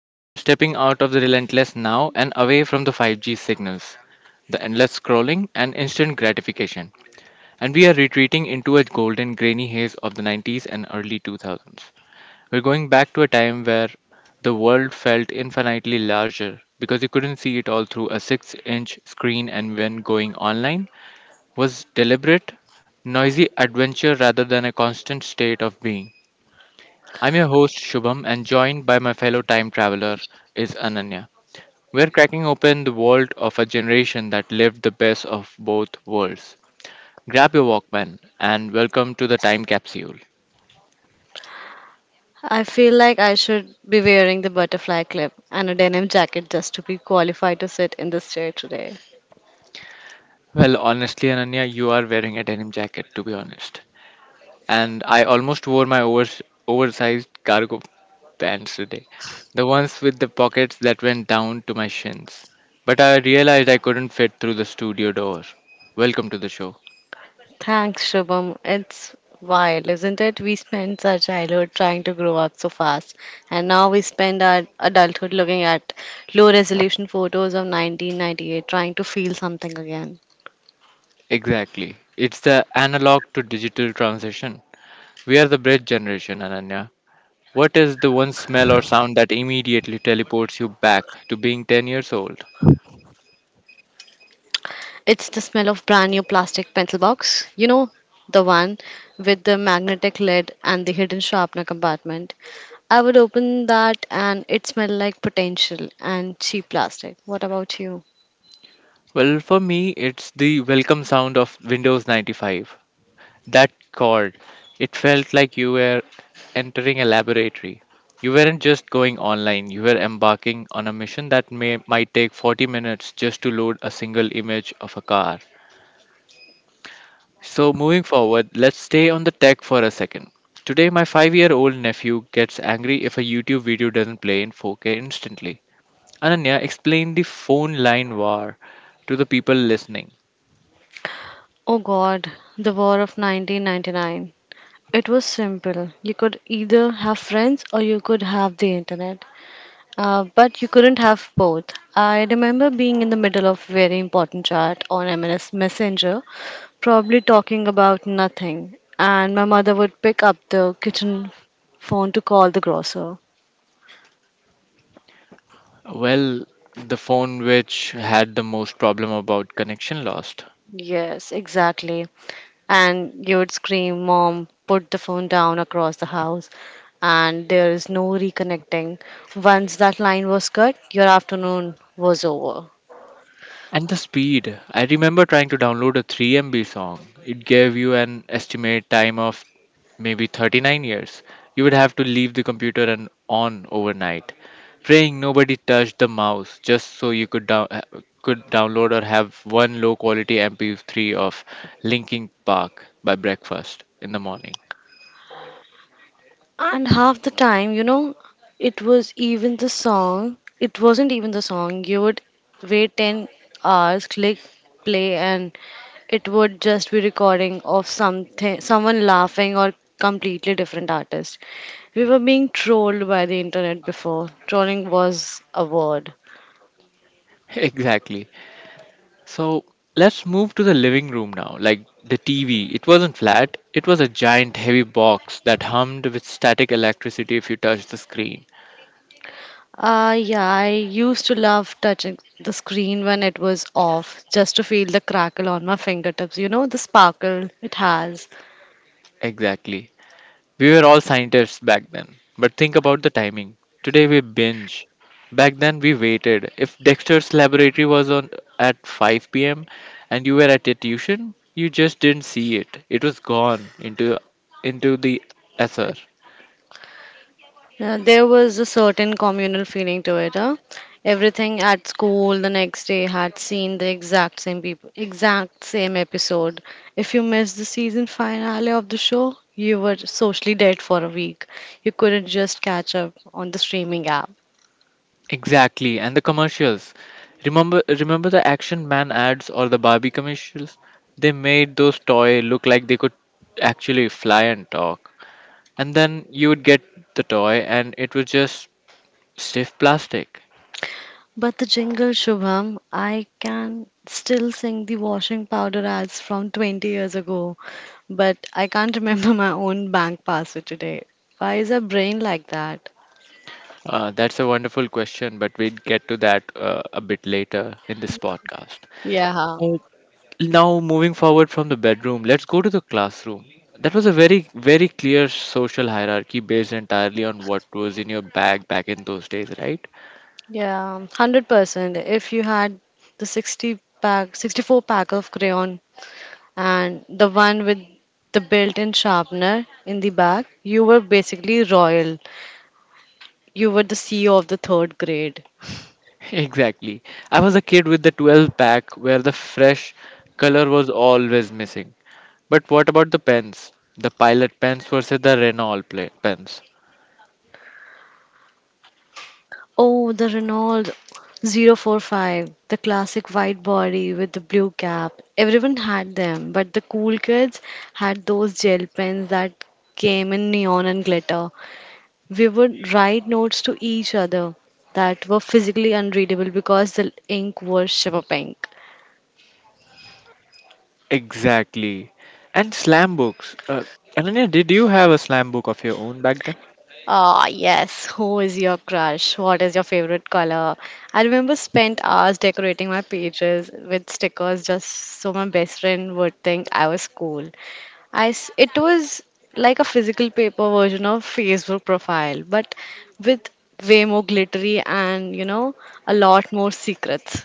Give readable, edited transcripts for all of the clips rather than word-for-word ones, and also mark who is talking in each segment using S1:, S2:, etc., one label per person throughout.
S1: Today we are stepping out of the relentless now and away from the 5G signals, the endless scrolling and instant gratification, and we are retreating into a golden grainy haze of the 90s and early 2000s. We're going back to a time where the world felt infinitely larger because you couldn't see it all through a 6-inch screen, and when going online, was deliberate, noisy adventure rather than a constant state of being. I'm your host Shubham and joined by my fellow time traveler is Ananya. We're cracking open the world of a generation that lived the best of both worlds. Grab your Walkman and welcome to the time capsule.
S2: I feel like I should be wearing the butterfly clip and a denim jacket just to be qualified to sit in this chair today.
S1: Well, honestly, Ananya, you are wearing a denim jacket to be honest. And I almost wore my oversized cargo pants today. The ones with the pockets that went down to my shins. But I realized I couldn't fit through the studio door. Welcome to the show.
S2: Thanks, Shubham. It's wild, isn't it? We spent our childhood trying to grow up so fast, and now we spend our adulthood looking at low resolution photos of 1998 trying to feel something again.
S1: Exactly. It's the analog to digital transition. We are the bridge generation, Ananya. What is the one smell or sound that immediately teleports you back to being 10 years old?
S2: It's the smell of brand new plastic pencil box. You know, the one with the magnetic lid and the hidden sharpener compartment. I would open that and it smelled like potential and cheap plastic. What about you?
S1: Well, for me, it's the welcome sound of Windows 95. That chord, it felt like you were entering a laboratory. You weren't just going online, you were embarking on a mission that might take 40 minutes just to load a single image of a car. So, moving forward, let's stay on the tech for a second. Today, my 5-year old nephew gets angry if a YouTube video doesn't play in 4K instantly. Ananya, explain the phone line war to the people listening.
S2: Oh god, the war of 1999. It was simple. You could either have friends or you could have the internet. But you couldn't have both. I remember being in the middle of very important chat on MNS Messenger, probably talking about nothing, and my mother would pick up the kitchen phone to call the grocer.
S1: Well, the phone which had the most problem about connection lost.
S2: Yes, exactly. And you'd scream, "Mom, put the phone down," across the house. And there is no reconnecting. Once that line was cut, your afternoon was over.
S1: And the speed. I remember trying to download a 3 MB song. It gave you an estimate time of maybe 39 years. You would have to leave the computer and on overnight, praying nobody touched the mouse just so you could download or have one low quality MP3 of Linkin Park by breakfast in the morning.
S2: And half the time, it was even the song. It wasn't even the song. You would wait 10 hours, click play, and it would just be recording of something, someone laughing or completely different artist. We were being trolled by the internet before. Trolling was a word.
S1: Exactly. So let's move to the living room now. Like the TV, it wasn't flat, it was a giant heavy box that hummed with static electricity if you touched the screen.
S2: Yeah, I used to love touching the screen when it was off, just to feel the crackle on my fingertips. You know, the sparkle it has.
S1: Exactly. We were all scientists back then. But think about the timing. Today we binge. Back then we waited. If Dexter's laboratory was on at 5 p.m. and you were at a tuition, you just didn't see it. It was gone into the ether.
S2: Yeah, there was a certain communal feeling to it. Huh? Everything at school the next day had seen the exact same people, exact same episode. If you missed the season finale of the show, you were socially dead for a week. You couldn't just catch up on the streaming app.
S1: Exactly, and the commercials. Remember the Action Man ads or the Barbie commercials? They made those toy look like they could actually fly and talk. And then you would get the toy, and it was just stiff plastic.
S2: But the jingle, Shubham, I can still sing the washing powder ads from 20 years ago, but I can't remember my own bank password today. Why is our brain like that?
S1: That's a wonderful question, but we'd get to that a bit later in this podcast.
S2: Yeah,
S1: Now, moving forward from the bedroom, let's go to the classroom. That was a very, very clear social hierarchy based entirely on what was in your bag back in those days, right?
S2: yeah, 100%. If you had the 60 pack, 64 pack of crayon and the one with the built-in sharpener in the back, you were basically royal. You were the CEO of the third grade.
S1: Exactly. I was a kid with the 12 pack where the fresh color was always missing. But what about the pens? The pilot pens versus the Renault pens.
S2: Oh, the Renault 045, the classic white body with the blue cap. Everyone had them, but the cool kids had those gel pens that came in neon and glitter. We would write notes to each other that were physically unreadable because the ink was shimmer pink.
S1: Exactly. And slam books. Ananya, did you have a slam book of your own back then?
S2: Ah, yes. Who is your crush? What is your favorite color? I remember spent hours decorating my pages with stickers just so my best friend would think I was cool. It was like a physical paper version of Facebook profile, but with way more glittery and a lot more secrets.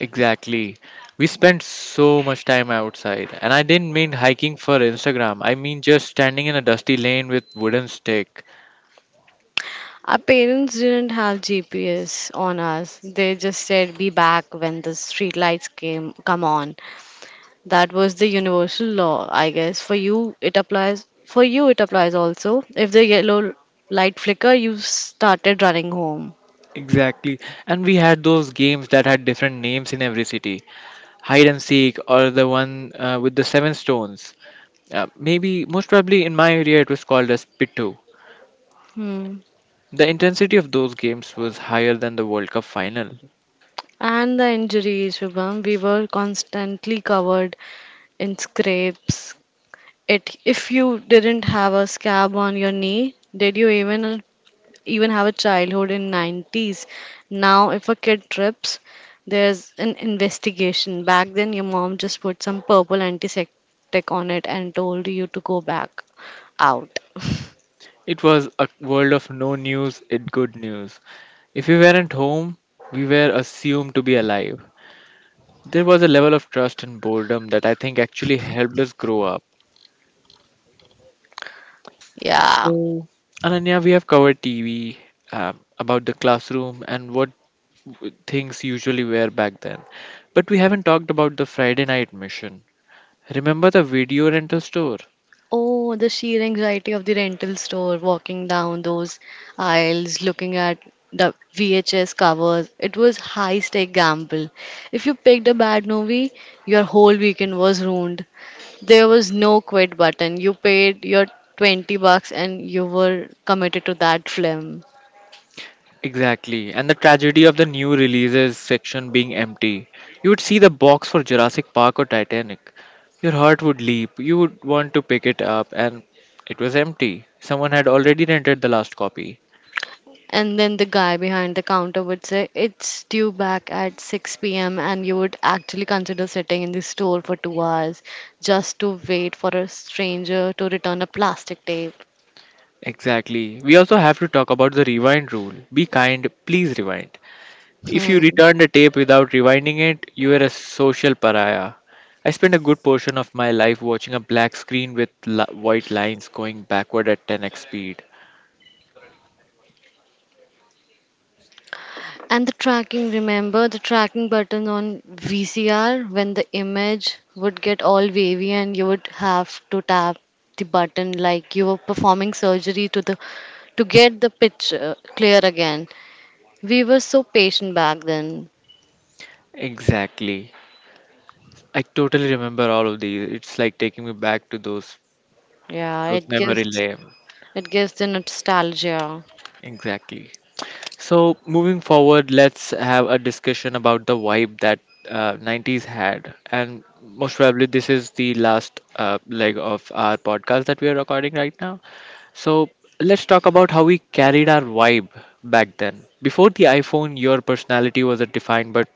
S1: Exactly. We spent so much time outside, and I didn't mean hiking for Instagram. I mean just standing in a dusty lane with wooden stick.
S2: Our parents didn't have GPS on us. They just said be back when the street lights came come on. That was the universal law, I guess. For you it applies also. If the yellow light flicker you started running home.
S1: Exactly. And we had those games that had different names in every city. Hide and seek or the one with the seven stones. Maybe most probably in my area it was called as Pitu.
S2: Hmm.
S1: The intensity of those games was higher than the World Cup final.
S2: And the injuries, Shubham, we were constantly covered in scrapes. It, if you didn't have a scab on your knee, did you even have a childhood in 90s? Now, if a kid trips, there's an investigation. Back then, your mom just put some purple antiseptic on it and told you to go back out.
S1: It was a world of no news, it good news. If we weren't home, we were assumed to be alive. There was a level of trust and boredom that I think actually helped us grow up.
S2: Yeah.
S1: So, Ananya, we have covered TV, about the classroom and what things usually were back then. But we haven't talked about the Friday night mission. Remember the video rental store?
S2: Oh, the sheer anxiety of the rental store, walking down those aisles, looking at the VHS covers. It was high-stake gamble. If you picked a bad movie, your whole weekend was ruined. There was no quit button. You paid your $20 and you were committed to that film.
S1: Exactly, and the tragedy of the new releases section being empty. You would see the box for Jurassic Park or Titanic. Your heart would leap, you would want to pick it up, and it was empty. Someone had already rented the last copy.
S2: And then the guy behind the counter would say, "It's due back at 6 p.m.," and you would actually consider sitting in the store for 2 hours just to wait for a stranger to return a plastic tape.
S1: Exactly. We also have to talk about the rewind rule. Be kind, please rewind. If
S2: Hmm.
S1: you return the tape without rewinding it, you are a social pariah. I spent a good portion of my life watching a black screen with white lines going backward at 10x speed.
S2: And the tracking, remember the tracking button on VCR when the image would get all wavy and you would have to tap the button like you were performing surgery to get the picture clear again. We were so patient back then.
S1: Exactly. I totally remember all of these. It's like taking me back to those
S2: Yeah,
S1: those
S2: it gives
S1: memory lane.
S2: It gives the nostalgia.
S1: Exactly. So moving forward, let's have a discussion about the vibe that 90s had, and most probably this is the last leg of our podcast that we are recording right now. So let's talk about how we carried our vibe back then. Before the iPhone, your personality was defined but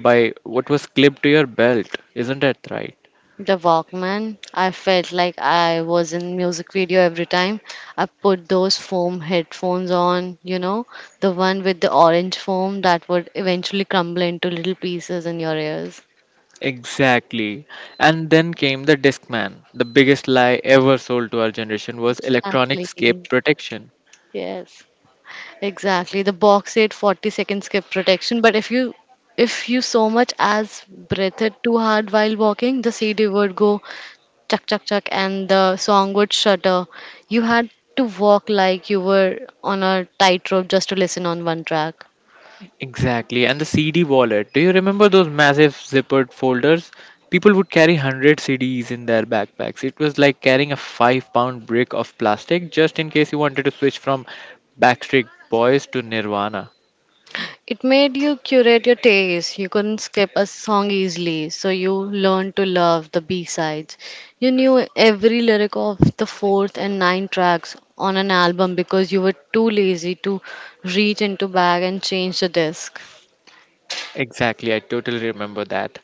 S1: by what was clipped to your belt, isn't that right?
S2: The Walkman, I felt like I was in music video every time. I put those foam headphones on, you know, the one with the orange foam that would eventually crumble into little pieces in your ears.
S1: Exactly. And then came the Discman. The biggest lie ever sold to our generation was electronic
S2: Exactly.
S1: scape protection.
S2: Yes. Exactly. The box Boxate 40 second skip protection, but if you so much as breathed too hard while walking, the CD would go chuck chuck chuck and the song would shudder. You had to walk like you were on a tightrope just to listen on one track.
S1: Exactly. And the CD wallet. Do you remember those massive zippered folders? People would carry 100 CDs in their backpacks. It was like carrying a 5-pound brick of plastic just in case you wanted to switch from Backstreet Boys to Nirvana.
S2: It made you curate your taste. You couldn't skip a song easily, so you learned to love the B-sides. You knew every lyric of the fourth and ninth tracks on an album because you were too lazy to reach into bag and change the disc.
S1: Exactly, I totally remember that.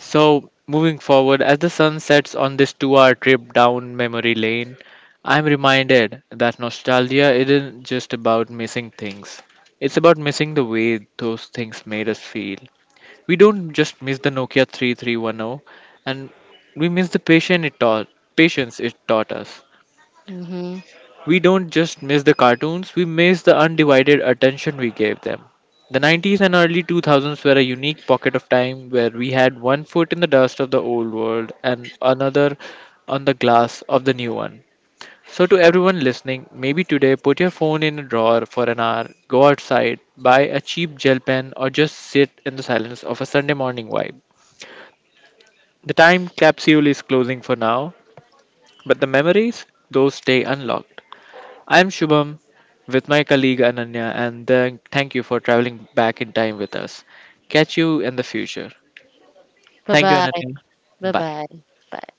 S1: So, moving forward, as the sun sets on this 2-hour trip down memory lane, I'm reminded that nostalgia isn't just about missing things, it's about missing the way those things made us feel. We don't just miss the Nokia 3310 and we miss the patience it taught us.
S2: Hmm.
S1: We don't just miss the cartoons, we miss the undivided attention we gave them. The 90s and early 2000s were a unique pocket of time where we had one foot in the dust of the old world and another on the glass of the new one. So, to everyone listening, maybe today put your phone in a drawer for an hour, go outside, buy a cheap gel pen, or just sit in the silence of a Sunday morning vibe. The time capsule is closing for now, but the memories, those stay unlocked. I am Shubham with my colleague Ananya, and then thank you for traveling back in time with us. Catch you in the future.
S2: Bye
S1: Thank you,
S2: bye.
S1: Ananya.
S2: Bye
S1: Bye.
S2: bye. Bye.